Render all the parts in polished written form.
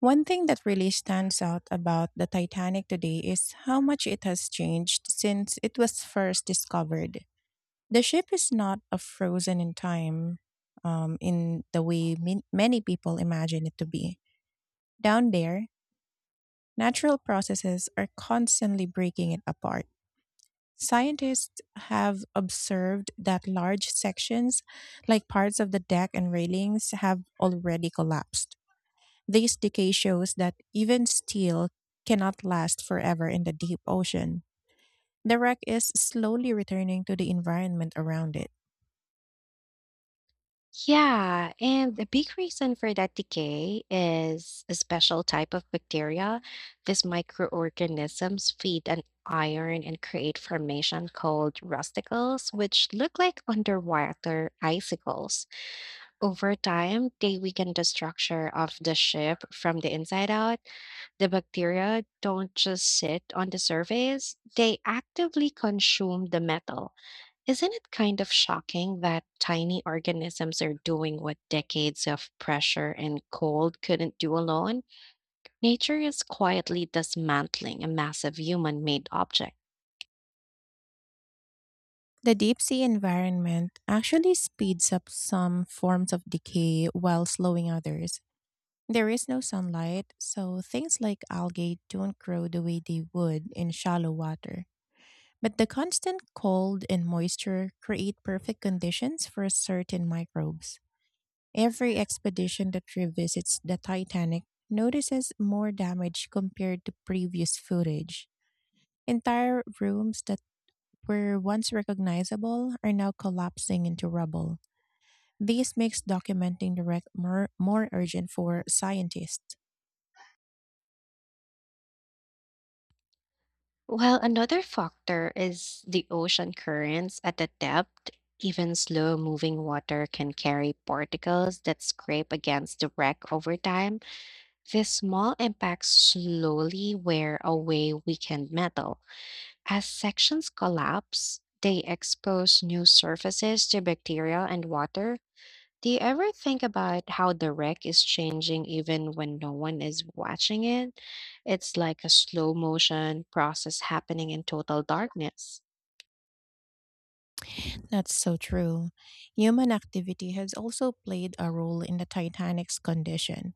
One thing that really stands out about the Titanic today is how much it has changed since it was first discovered. The ship is not a frozen in time in the way many people imagine it to be. Down there, natural processes are constantly breaking it apart. Scientists have observed that large sections, like parts of the deck and railings, have already collapsed. This decay shows that even steel cannot last forever in the deep ocean. The wreck is slowly returning to the environment around it. Yeah, and the big reason for that decay is a special type of bacteria. These microorganisms feed on iron and create formation called rusticles, which look like underwater icicles. Over time, they weaken the structure of the ship from the inside out. The bacteria don't just sit on the surface, they actively consume the metal. Isn't it kind of shocking that tiny organisms are doing what decades of pressure and cold couldn't do alone? Nature is quietly dismantling a massive human made object. The deep sea environment actually speeds up some forms of decay while slowing others. There is no sunlight, so things like algae don't grow the way they would in shallow water. But the constant cold and moisture create perfect conditions for certain microbes. Every expedition that revisits the Titanic notices more damage compared to previous footage. Entire rooms that were once recognizable are now collapsing into rubble. This makes documenting the wreck more urgent for scientists. Well, another factor is the ocean currents at the depth. Even slow moving water can carry particles that scrape against the wreck over time. These small impacts slowly wear away weakened metal. As sections collapse, they expose new surfaces to bacteria and water. Do you ever think about how the wreck is changing even when no one is watching it? It's like a slow motion process happening in total darkness. That's so true. Human activity has also played a role in the Titanic's condition.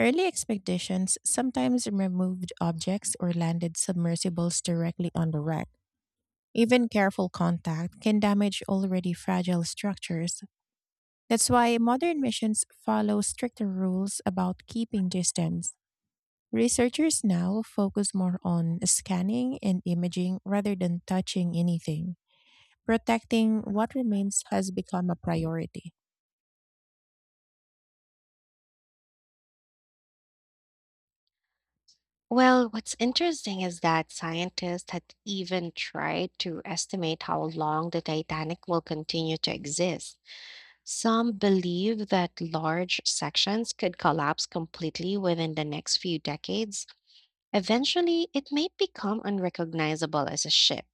Early expeditions sometimes removed objects or landed submersibles directly on the wreck. Even careful contact can damage already fragile structures. That's why modern missions follow stricter rules about keeping distance. Researchers now focus more on scanning and imaging rather than touching anything. Protecting what remains has become a priority. Well, what's interesting is that scientists had even tried to estimate how long the Titanic will continue to exist. Some believe that large sections could collapse completely within the next few decades. Eventually, it may become unrecognizable as a ship.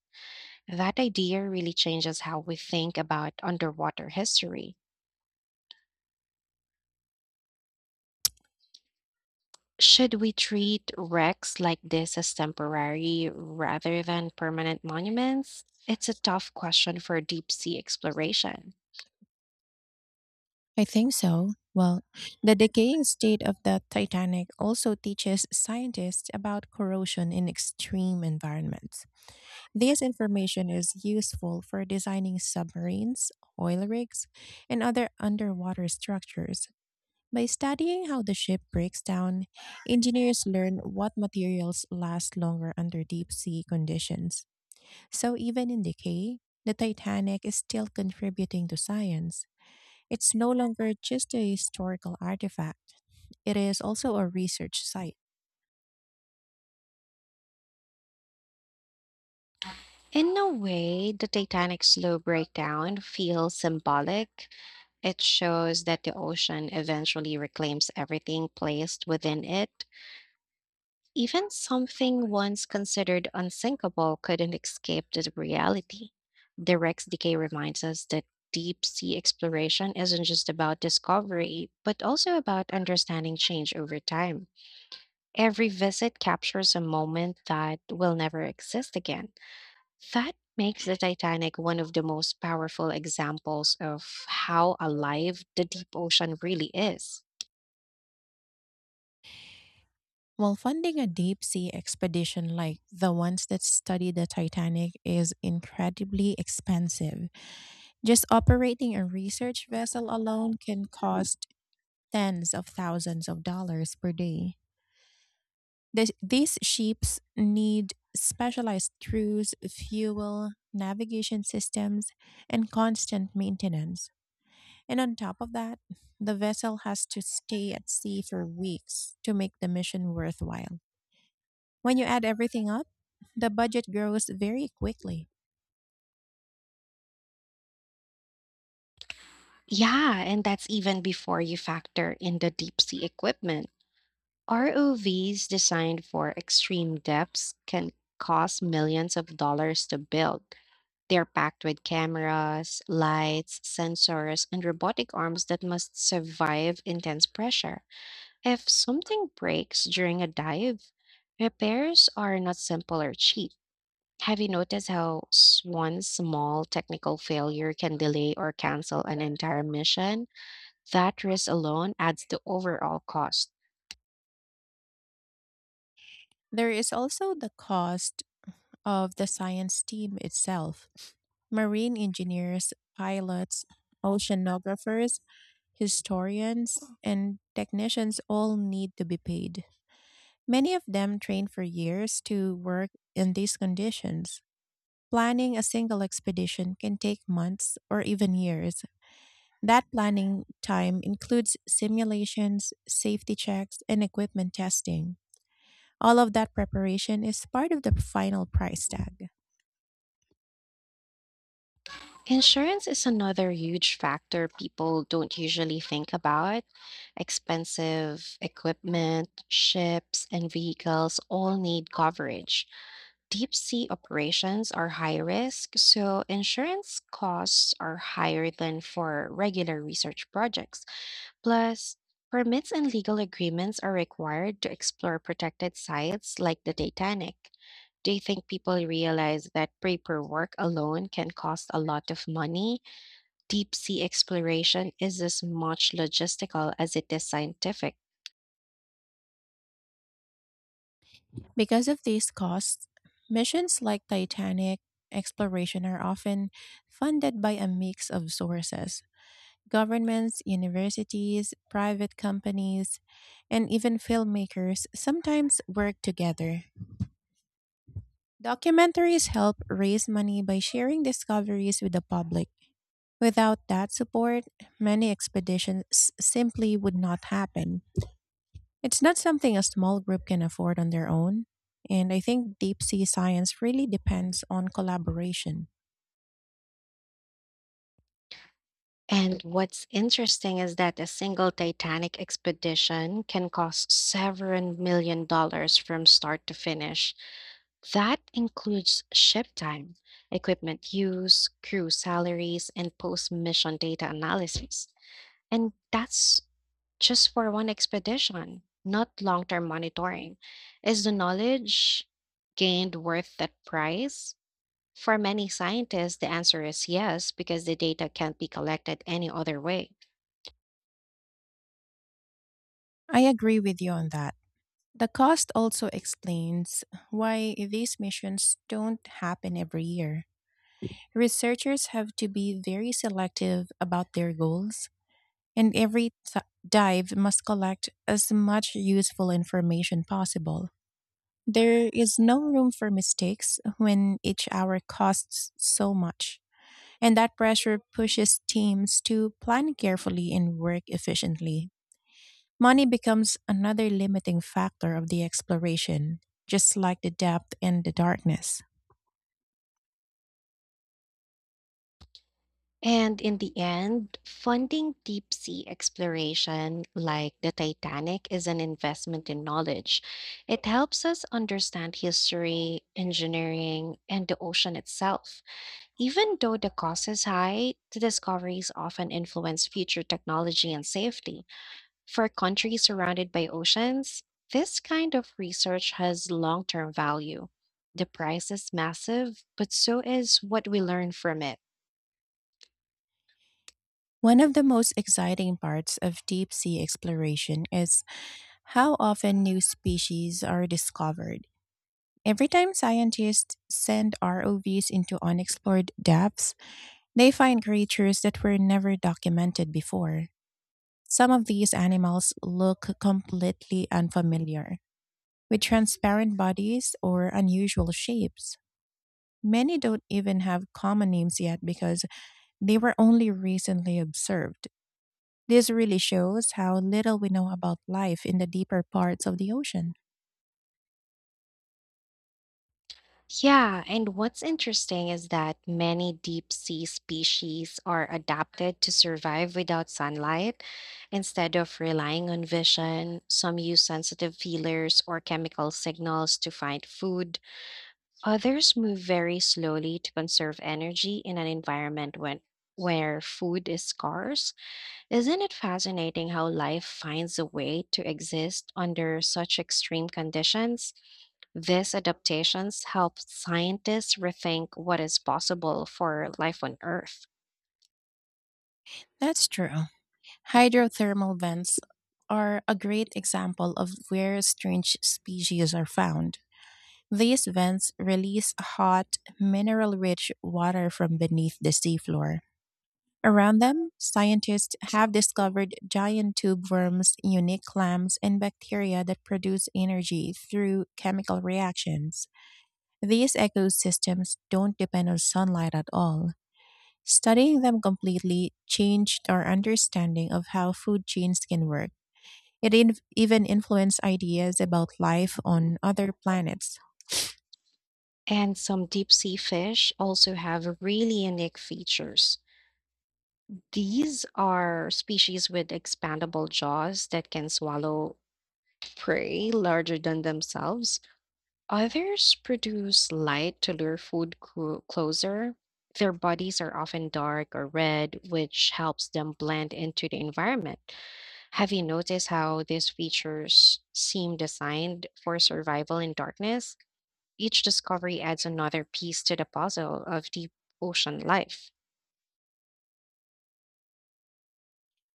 That idea really changes how we think about underwater history. Should we treat wrecks like this as temporary rather than permanent monuments? It's a tough question for deep sea exploration. I think so. Well, the decaying state of the Titanic also teaches scientists about corrosion in extreme environments. This information is useful for designing submarines, oil rigs, and other underwater structures. By studying how the ship breaks down, engineers learn what materials last longer under deep sea conditions. So, even in decay, the Titanic is still contributing to science. It's no longer just a historical artifact, it is also a research site. In a way, the Titanic's slow breakdown feels symbolic. It shows that the ocean eventually reclaims everything placed within it. Even something once considered unsinkable couldn't escape the reality. The Rex Decay reminds us that deep sea exploration isn't just about discovery, but also about understanding change over time. Every visit captures a moment that will never exist again. That makes the Titanic one of the most powerful examples of how alive the deep ocean really is. While funding a deep sea expedition like the ones that study the Titanic is incredibly expensive, just operating a research vessel alone can cost tens of thousands of dollars per day. These ships need specialized crews, fuel, navigation systems, and constant maintenance. And on top of that, the vessel has to stay at sea for weeks to make the mission worthwhile. When you add everything up, the budget grows very quickly. Yeah, and that's even before you factor in the deep sea equipment. ROVs designed for extreme depths can cost millions of dollars to build. They're packed with cameras, lights, sensors, and robotic arms that must survive intense pressure. If something breaks during a dive, repairs are not simple or cheap. Have you noticed how one small technical failure can delay or cancel an entire mission? That risk alone adds to overall cost. There is also the cost of the science team itself: marine engineers, pilots, oceanographers, historians, and technicians all need to be paid. Many of them train for years to work in these conditions. Planning a single expedition can take months or even years. That planning time includes simulations, safety checks, and equipment testing. All of that preparation is part of the final price tag. Insurance is another huge factor people don't usually think about. Expensive equipment, ships, and vehicles all need coverage. Deep sea operations are high risk, so insurance costs are higher than for regular research projects. Plus, permits and legal agreements are required to explore protected sites like the Titanic. Do you think people realize that paperwork alone can cost a lot of money? Deep sea exploration is as much logistical as it is scientific. Because of these costs, missions like Titanic exploration are often funded by a mix of sources: governments, universities, private companies, and even filmmakers sometimes work together. Documentaries help raise money by sharing discoveries with the public. Without that support, many expeditions simply would not happen. It's not something a small group can afford on their own, and I think deep sea science really depends on collaboration. And what's interesting is that a single Titanic expedition can cost several $1 million+ from start to finish. That includes ship time, equipment use, crew salaries, and post mission data analysis. And that's just for one expedition, not long term monitoring. Is the knowledge gained worth that price? For many scientists, the answer is yes, because the data can't be collected any other way. I agree with you on that. The cost also explains why these missions don't happen every year. Researchers have to be very selective about their goals, and every dive must collect as much useful information possible. There is no room for mistakes when each hour costs so much, and that pressure pushes teams to plan carefully and work efficiently. Money becomes another limiting factor of the exploration, just like the depth and the darkness. And in the end, funding deep sea exploration like the Titanic is an investment in knowledge. It helps us understand history, engineering, and the ocean itself. Even though the cost is high, the discoveries often influence future technology and safety. For countries surrounded by oceans, this kind of research has long term value. The price is massive, but so is what we learn from it. One of the most exciting parts of deep sea exploration is how often new species are discovered. Every time scientists send ROVs into unexplored depths, they find creatures that were never documented before. Some of these animals look completely unfamiliar, with transparent bodies or unusual shapes. Many don't even have common names yet because they were only recently observed. This really shows how little we know about life in the deeper parts of the ocean. Yeah, and what's interesting is that many deep sea species are adapted to survive without sunlight. Instead of relying on vision, some use sensitive feelers or chemical signals to find food. Others move very slowly to conserve energy in an environment where food is scarce. Isn't it fascinating how life finds a way to exist under such extreme conditions? These adaptations help scientists rethink what is possible for life on Earth. That's true. Hydrothermal vents are a great example of where strange species are found. These vents release hot, mineral rich water from beneath the seafloor. Around them, scientists have discovered giant tube worms, unique clams, and bacteria that produce energy through chemical reactions. These ecosystems don't depend on sunlight at all. Studying them completely changed our understanding of how food chains can work. It even influenced ideas about life on other planets. And some deep sea fish also have really unique features. These are species with expandable jaws that can swallow prey larger than themselves. Others produce light to lure food closer. Their bodies are often dark or red, which helps them blend into the environment. Have you noticed how these features seem designed for survival in darkness? Each discovery adds another piece to the puzzle of deep ocean life.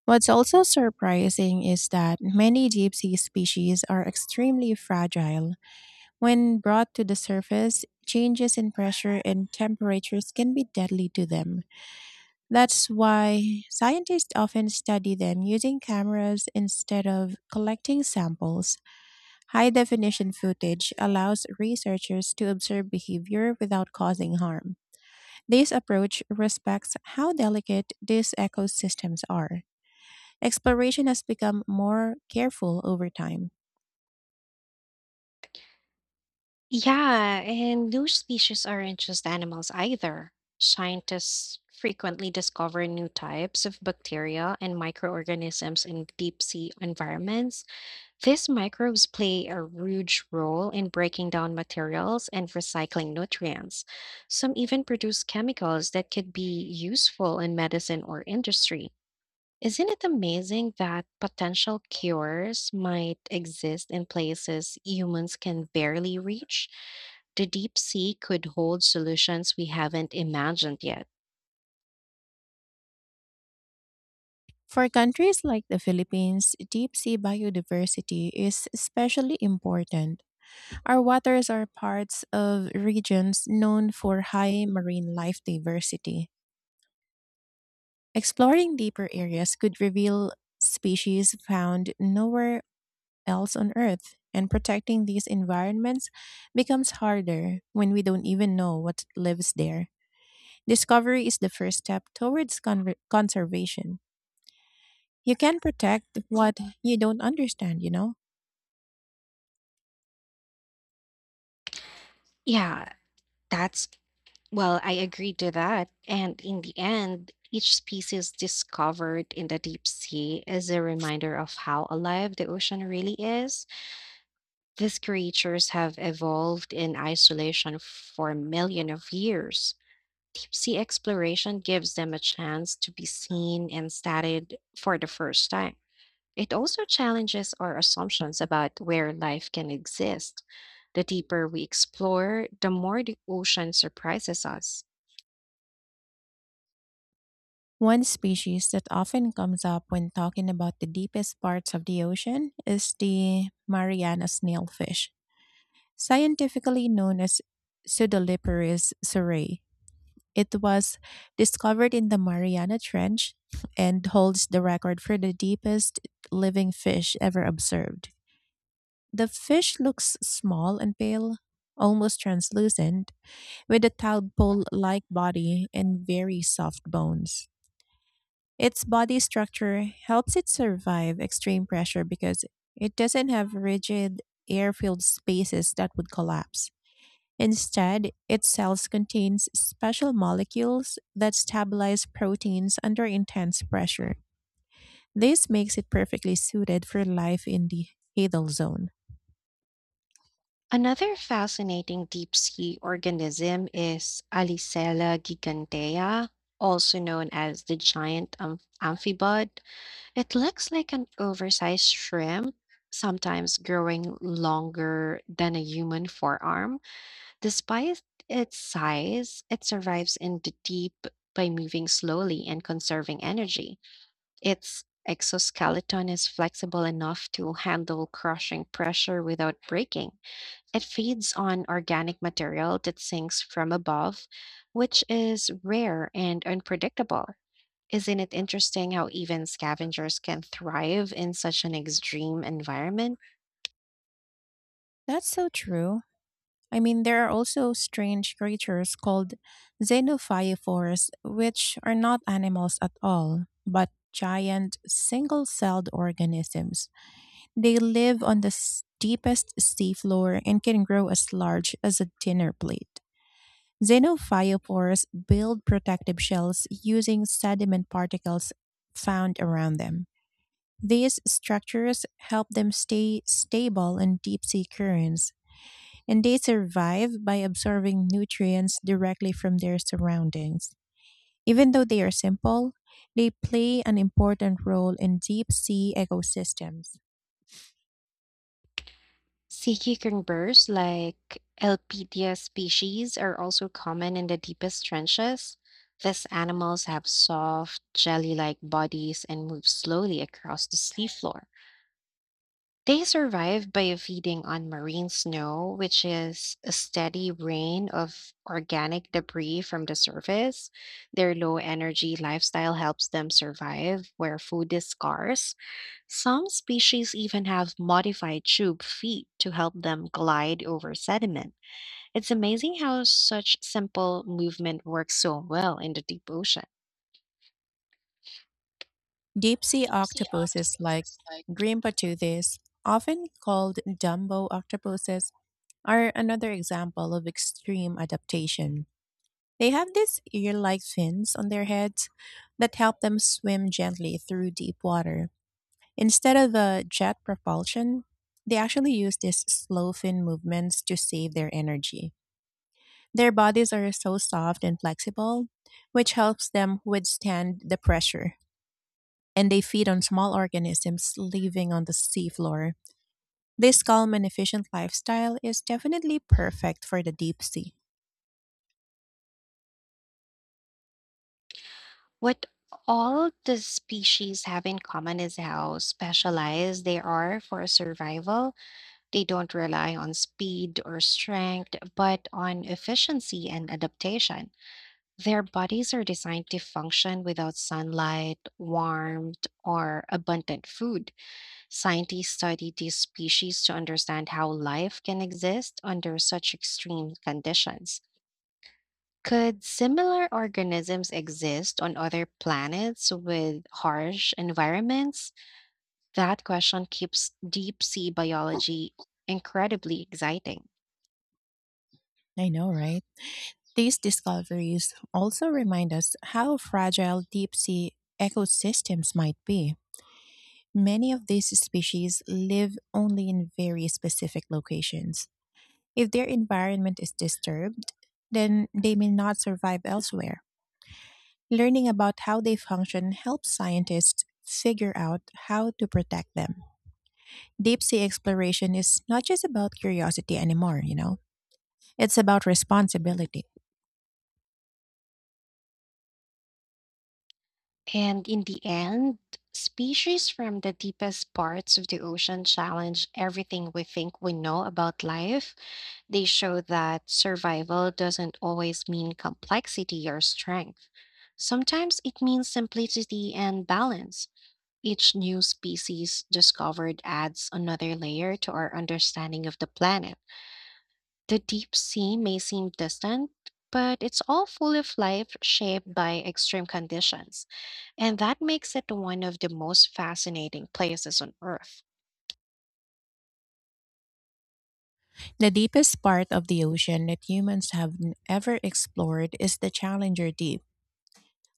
What's also surprising is that many deep sea species are extremely fragile. When brought to the surface, changes in pressure and temperatures can be deadly to them. That's why scientists often study them using cameras instead of collecting samples. High definition footage allows researchers to observe behavior without causing harm. This approach respects how delicate these ecosystems are. Exploration has become more careful over time. Yeah, and new species aren't just animals either. Scientists frequently discover new types of bacteria and microorganisms in deep sea environments. These microbes play a huge role in breaking down materials and recycling nutrients. Some even produce chemicals that could be useful in medicine or industry. Isn't it amazing that potential cures might exist in places humans can barely reach? The deep sea could hold solutions we haven't imagined yet. For countries like the Philippines, deep sea biodiversity is especially important. Our waters are parts of regions known for high marine life diversity. Exploring deeper areas could reveal species found nowhere else on Earth, and protecting these environments becomes harder when we don't even know what lives there. Discovery is the first step towards conservation. You can protect what you don't understand, you know? Yeah, that's, I agree to that. And in the end, each species discovered in the deep sea is a reminder of how alive the ocean really is. These creatures have evolved in isolation for millions of years. Deep sea exploration gives them a chance to be seen and studied for the first time. It also challenges our assumptions about where life can exist. The deeper we explore, the more the ocean surprises us. One species that often comes up when talking about the deepest parts of the ocean is the Mariana snailfish, scientifically known as Pseudoliparus surrey. It was discovered in the Mariana Trench and holds the record for the deepest living fish ever observed. The fish looks small and pale, almost translucent, with a tadpole like body and very soft bones. Its body structure helps it survive extreme pressure because it doesn't have rigid air filled spaces that would collapse. Instead, its cells contains special molecules that stabilize proteins under intense pressure. This makes it perfectly suited for life in the Hadal zone. Another fascinating deep sea organism is Alicella gigantea, also known as the giant amphibod. It looks like an oversized shrimp, sometimes growing longer than a human forearm. Despite its size, it survives in the deep by moving slowly and conserving energy. Its exoskeleton is flexible enough to handle crushing pressure without breaking. It feeds on organic material that sinks from above, which is rare and unpredictable. Isn't it interesting how even scavengers can thrive in such an extreme environment? That's so true. I mean, there are also strange creatures called xenophyophores, which are not animals at all, but giant single celled organisms. They live on the deepest seafloor and can grow as large as a dinner plate. Xenophyophores build protective shells using sediment particles found around them. These structures help them stay stable in deep sea currents, and they survive by absorbing nutrients directly from their surroundings. Even though they are simple, they play an important role in deep sea ecosystems. Sea cucumbers, like Elpidia species, are also common in the deepest trenches. These animals have soft, jelly like bodies and move slowly across the seafloor. They survive by feeding on marine snow, which is a steady rain of organic debris from the surface. Their low energy lifestyle helps them survive where food is scarce. Some species even have modified tube feet to help them glide over sediment. It's amazing how such simple movement works so well in the deep ocean. Deep sea octopuses like Grimpatudis, often called Dumbo octopuses, are another example of extreme adaptation. They have these ear like fins on their heads that help them swim gently through deep water. Instead of a jet propulsion, they actually use these slow fin movements to save their energy. Their bodies are so soft and flexible, which helps them withstand the pressure, and they feed on small organisms living on the seafloor. This calm and efficient lifestyle is definitely perfect for the deep sea. What all the species have in common is how specialized they are for survival. They don't rely on speed or strength, but on efficiency and adaptation. Their bodies are designed to function without sunlight, warmth, or abundant food. Scientists study these species to understand how life can exist under such extreme conditions. Could similar organisms exist on other planets with harsh environments? That question keeps deep sea biology incredibly exciting. I know, right? These discoveries also remind us how fragile deep sea ecosystems might be. Many of these species live only in very specific locations. If their environment is disturbed, then they may not survive elsewhere. Learning about how they function helps scientists figure out how to protect them. Deep sea exploration is not just about curiosity anymore, you know? It's about responsibility. And in the end, species from the deepest parts of the ocean challenge everything we think we know about life. They show that survival doesn't always mean complexity or strength. Sometimes it means simplicity and balance. Each new species discovered adds another layer to our understanding of the planet. The deep sea may seem distant, but it's all full of life shaped by extreme conditions, and that makes it one of the most fascinating places on Earth. The deepest part of the ocean that humans have ever explored is the Challenger Deep,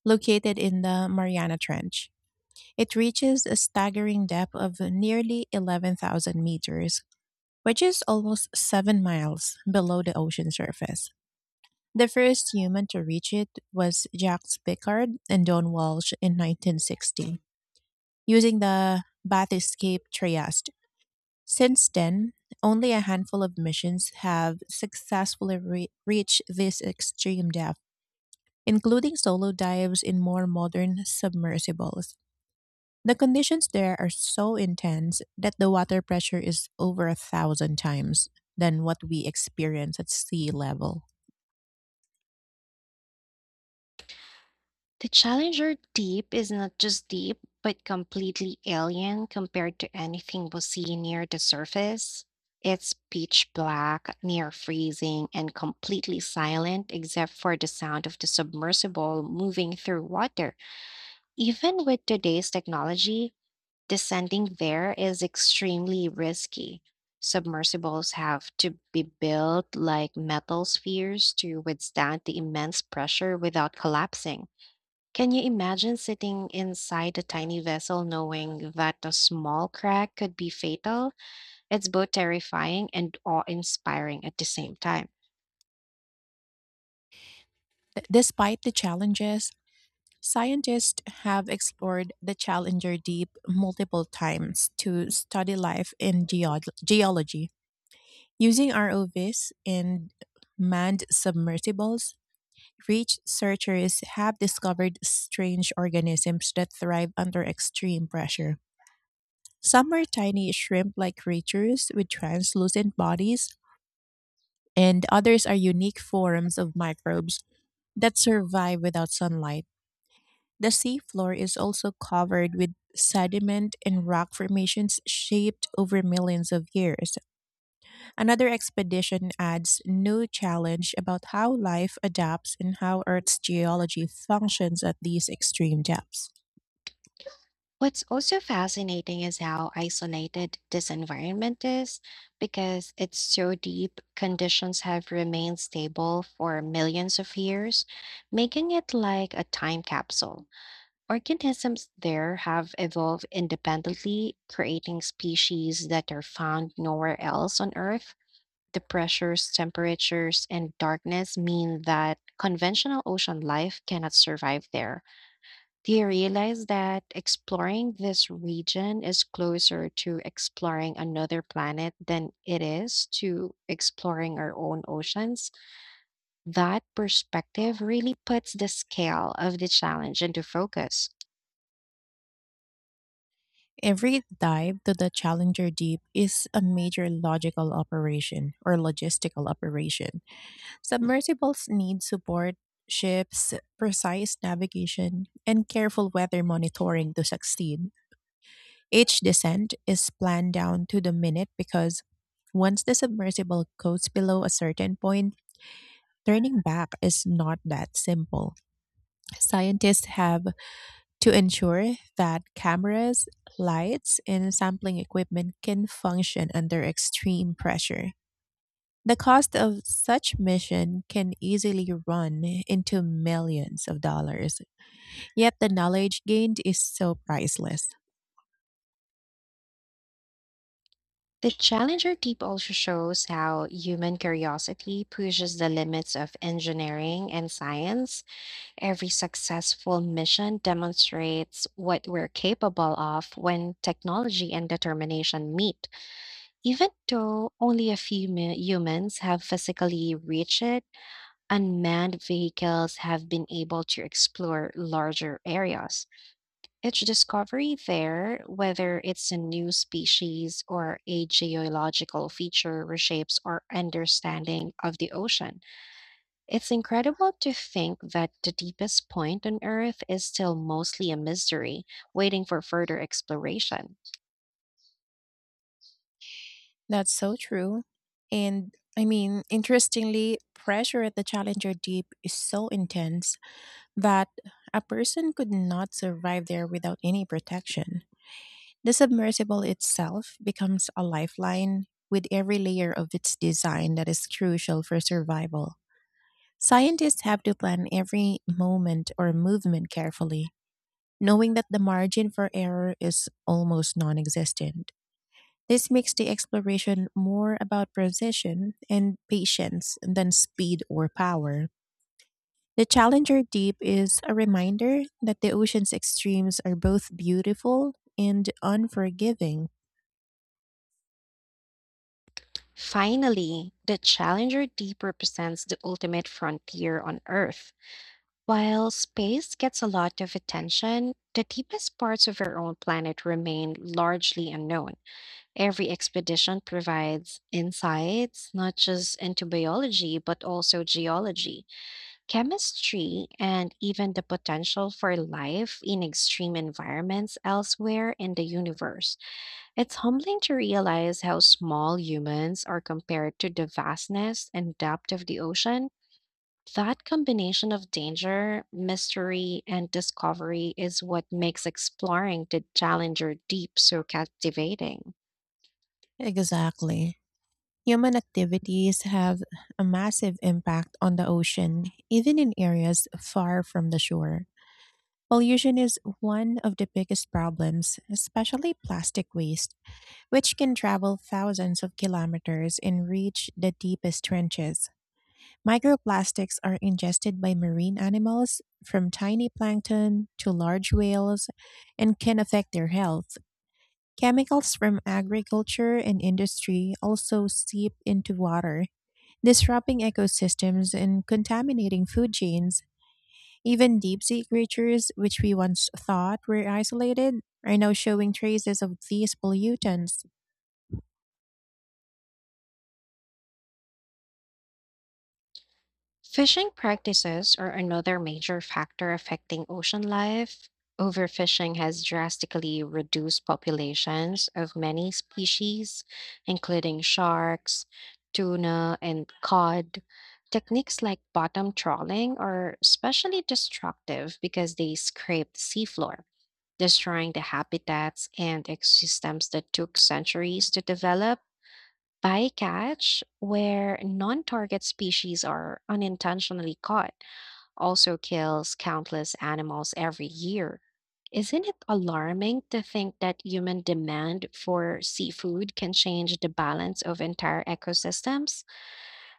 located in the Mariana Trench. It reaches a staggering depth of nearly 11,000 meters, which is almost 7 miles below the ocean surface. The first human to reach it was Jacques Piccard and Don Walsh in 1960, using the bath Trieste. Since then, only a handful of missions have successfully reached this extreme depth, including solo dives in more modern submersibles. The conditions there are so intense that the water pressure is over a thousand times than what we experience at sea level. The Challenger deep is not just deep, but completely alien compared to anything we see near the surface. It's pitch black, near freezing, and completely silent except for the sound of the submersible moving through water. Even with today's technology, descending there is extremely risky. Submersibles have to be built like metal spheres to withstand the immense pressure without collapsing. Can you imagine sitting inside a tiny vessel knowing that a small crack could be fatal? It's both terrifying and awe inspiring at the same time. Despite the challenges, scientists have explored the Challenger Deep multiple times to study life in geology. Using ROVs and manned submersibles, rich searchers have discovered strange organisms that thrive under extreme pressure. Some are tiny shrimp like creatures with translucent bodies, and others are unique forms of microbes that survive without sunlight. The seafloor is also covered with sediment and rock formations shaped over millions of years. Another expedition adds new challenge about how life adapts and how Earth's geology functions at these extreme depths. What's also fascinating is how isolated this environment is. Because it's so deep, conditions have remained stable for millions of years, making it like a time capsule. Organisms there have evolved independently, creating species that are found nowhere else on Earth. The pressures, temperatures, and darkness mean that conventional ocean life cannot survive there. Do you realize that exploring this region is closer to exploring another planet than it is to exploring our own oceans? That perspective really puts the scale of the challenge into focus. Every dive to the Challenger Deep is a major logical operation or logistical operation. Submersibles need support, ships, precise navigation, and careful weather monitoring to succeed. Each descent is planned down to the minute because once the submersible goes below a certain point, turning back is not that simple. Scientists have to ensure that cameras, lights, and sampling equipment can function under extreme pressure. The cost of such mission can easily run into millions of dollars, yet the knowledge gained is so priceless. The Challenger deep also shows how human curiosity pushes the limits of engineering and science. Every successful mission demonstrates what we're capable of when technology and determination meet. Even though only a few humans have physically reached it, unmanned vehicles have been able to explore larger areas. Each discovery there, whether it's a new species or a geological feature, reshapes our understanding of the ocean. It's incredible to think that the deepest point on Earth is still mostly a mystery, waiting for further exploration. That's so true. And I mean, interestingly, pressure at the Challenger Deep is so intense that a person could not survive there without any protection. The submersible itself becomes a lifeline, with every layer of its design that is crucial for survival. Scientists have to plan every moment or movement carefully, knowing that the margin for error is almost non existent. This makes the exploration more about precision and patience than speed or power. The Challenger Deep is a reminder that the ocean's extremes are both beautiful and unforgiving. Finally, the Challenger Deep represents the ultimate frontier on Earth. While space gets a lot of attention, the deepest parts of our own planet remain largely unknown. Every expedition provides insights, not just into biology, but also geology. Chemistry and even the potential for life in extreme environments elsewhere in the universe. It's humbling to realize how small humans are compared to the vastness and depth of the ocean. That combination of danger, mystery, and discovery is what makes exploring the Challenger deep so captivating. Exactly. Human activities have a massive impact on the ocean, even in areas far from the shore. Pollution is one of the biggest problems, especially plastic waste, which can travel thousands of kilometers and reach the deepest trenches. Microplastics are ingested by marine animals, from tiny plankton to large whales, and can affect their health. Chemicals from agriculture and industry also seep into water disrupting ecosystems and contaminating food chains. Even deep sea creatures, which we once thought were isolated, are now showing traces of these pollutants. Fishing practices are another major factor affecting ocean life. Overfishing has drastically reduced populations of many species, including sharks, tuna, and cod. Techniques like bottom trawling are especially destructive because they scrape the seafloor, destroying the habitats and ecosystems that took centuries to develop. Bycatch, where non target species are unintentionally caught, also kills countless animals every year. Isn't it alarming to think that human demand for seafood can change the balance of entire ecosystems?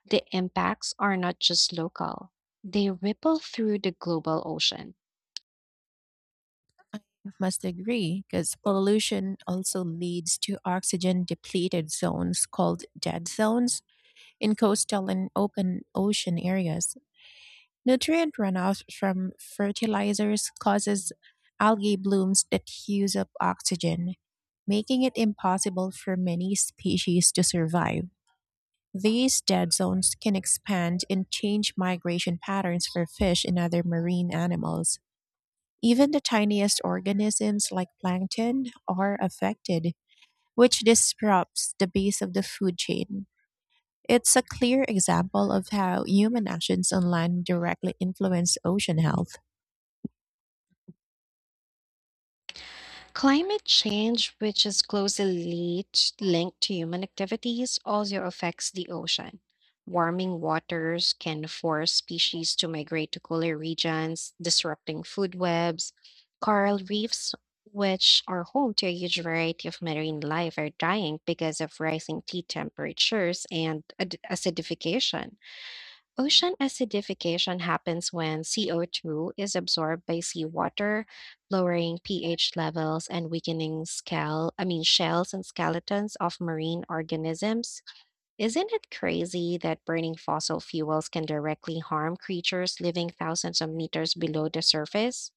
The impacts are not just local, they ripple through the global ocean. Must agree because pollution also leads to oxygen depleted zones called dead zones in coastal and open ocean areas. Nutrient runoff from fertilizers causes algae blooms that use up oxygen, making it impossible for many species to survive. These dead zones can expand and change migration patterns for fish and other marine animals. Even the tiniest organisms like plankton are affected, which disrupts the base of the food chain. It's a clear example of how human actions on land directly influence ocean health. Climate change, which is closely linked to human activities, also affects the ocean. Warming waters can force species to migrate to cooler regions, disrupting food webs. Coral reefs, which are home to a huge variety of marine life, are dying because of rising sea temperatures and acidification. Ocean acidification happens when CO2 is absorbed by seawater, lowering pH levels and weakening skull, I mean shells and skeletons of marine organisms. Isn't it crazy that burning fossil fuels can directly harm creatures living thousands of meters below the surface?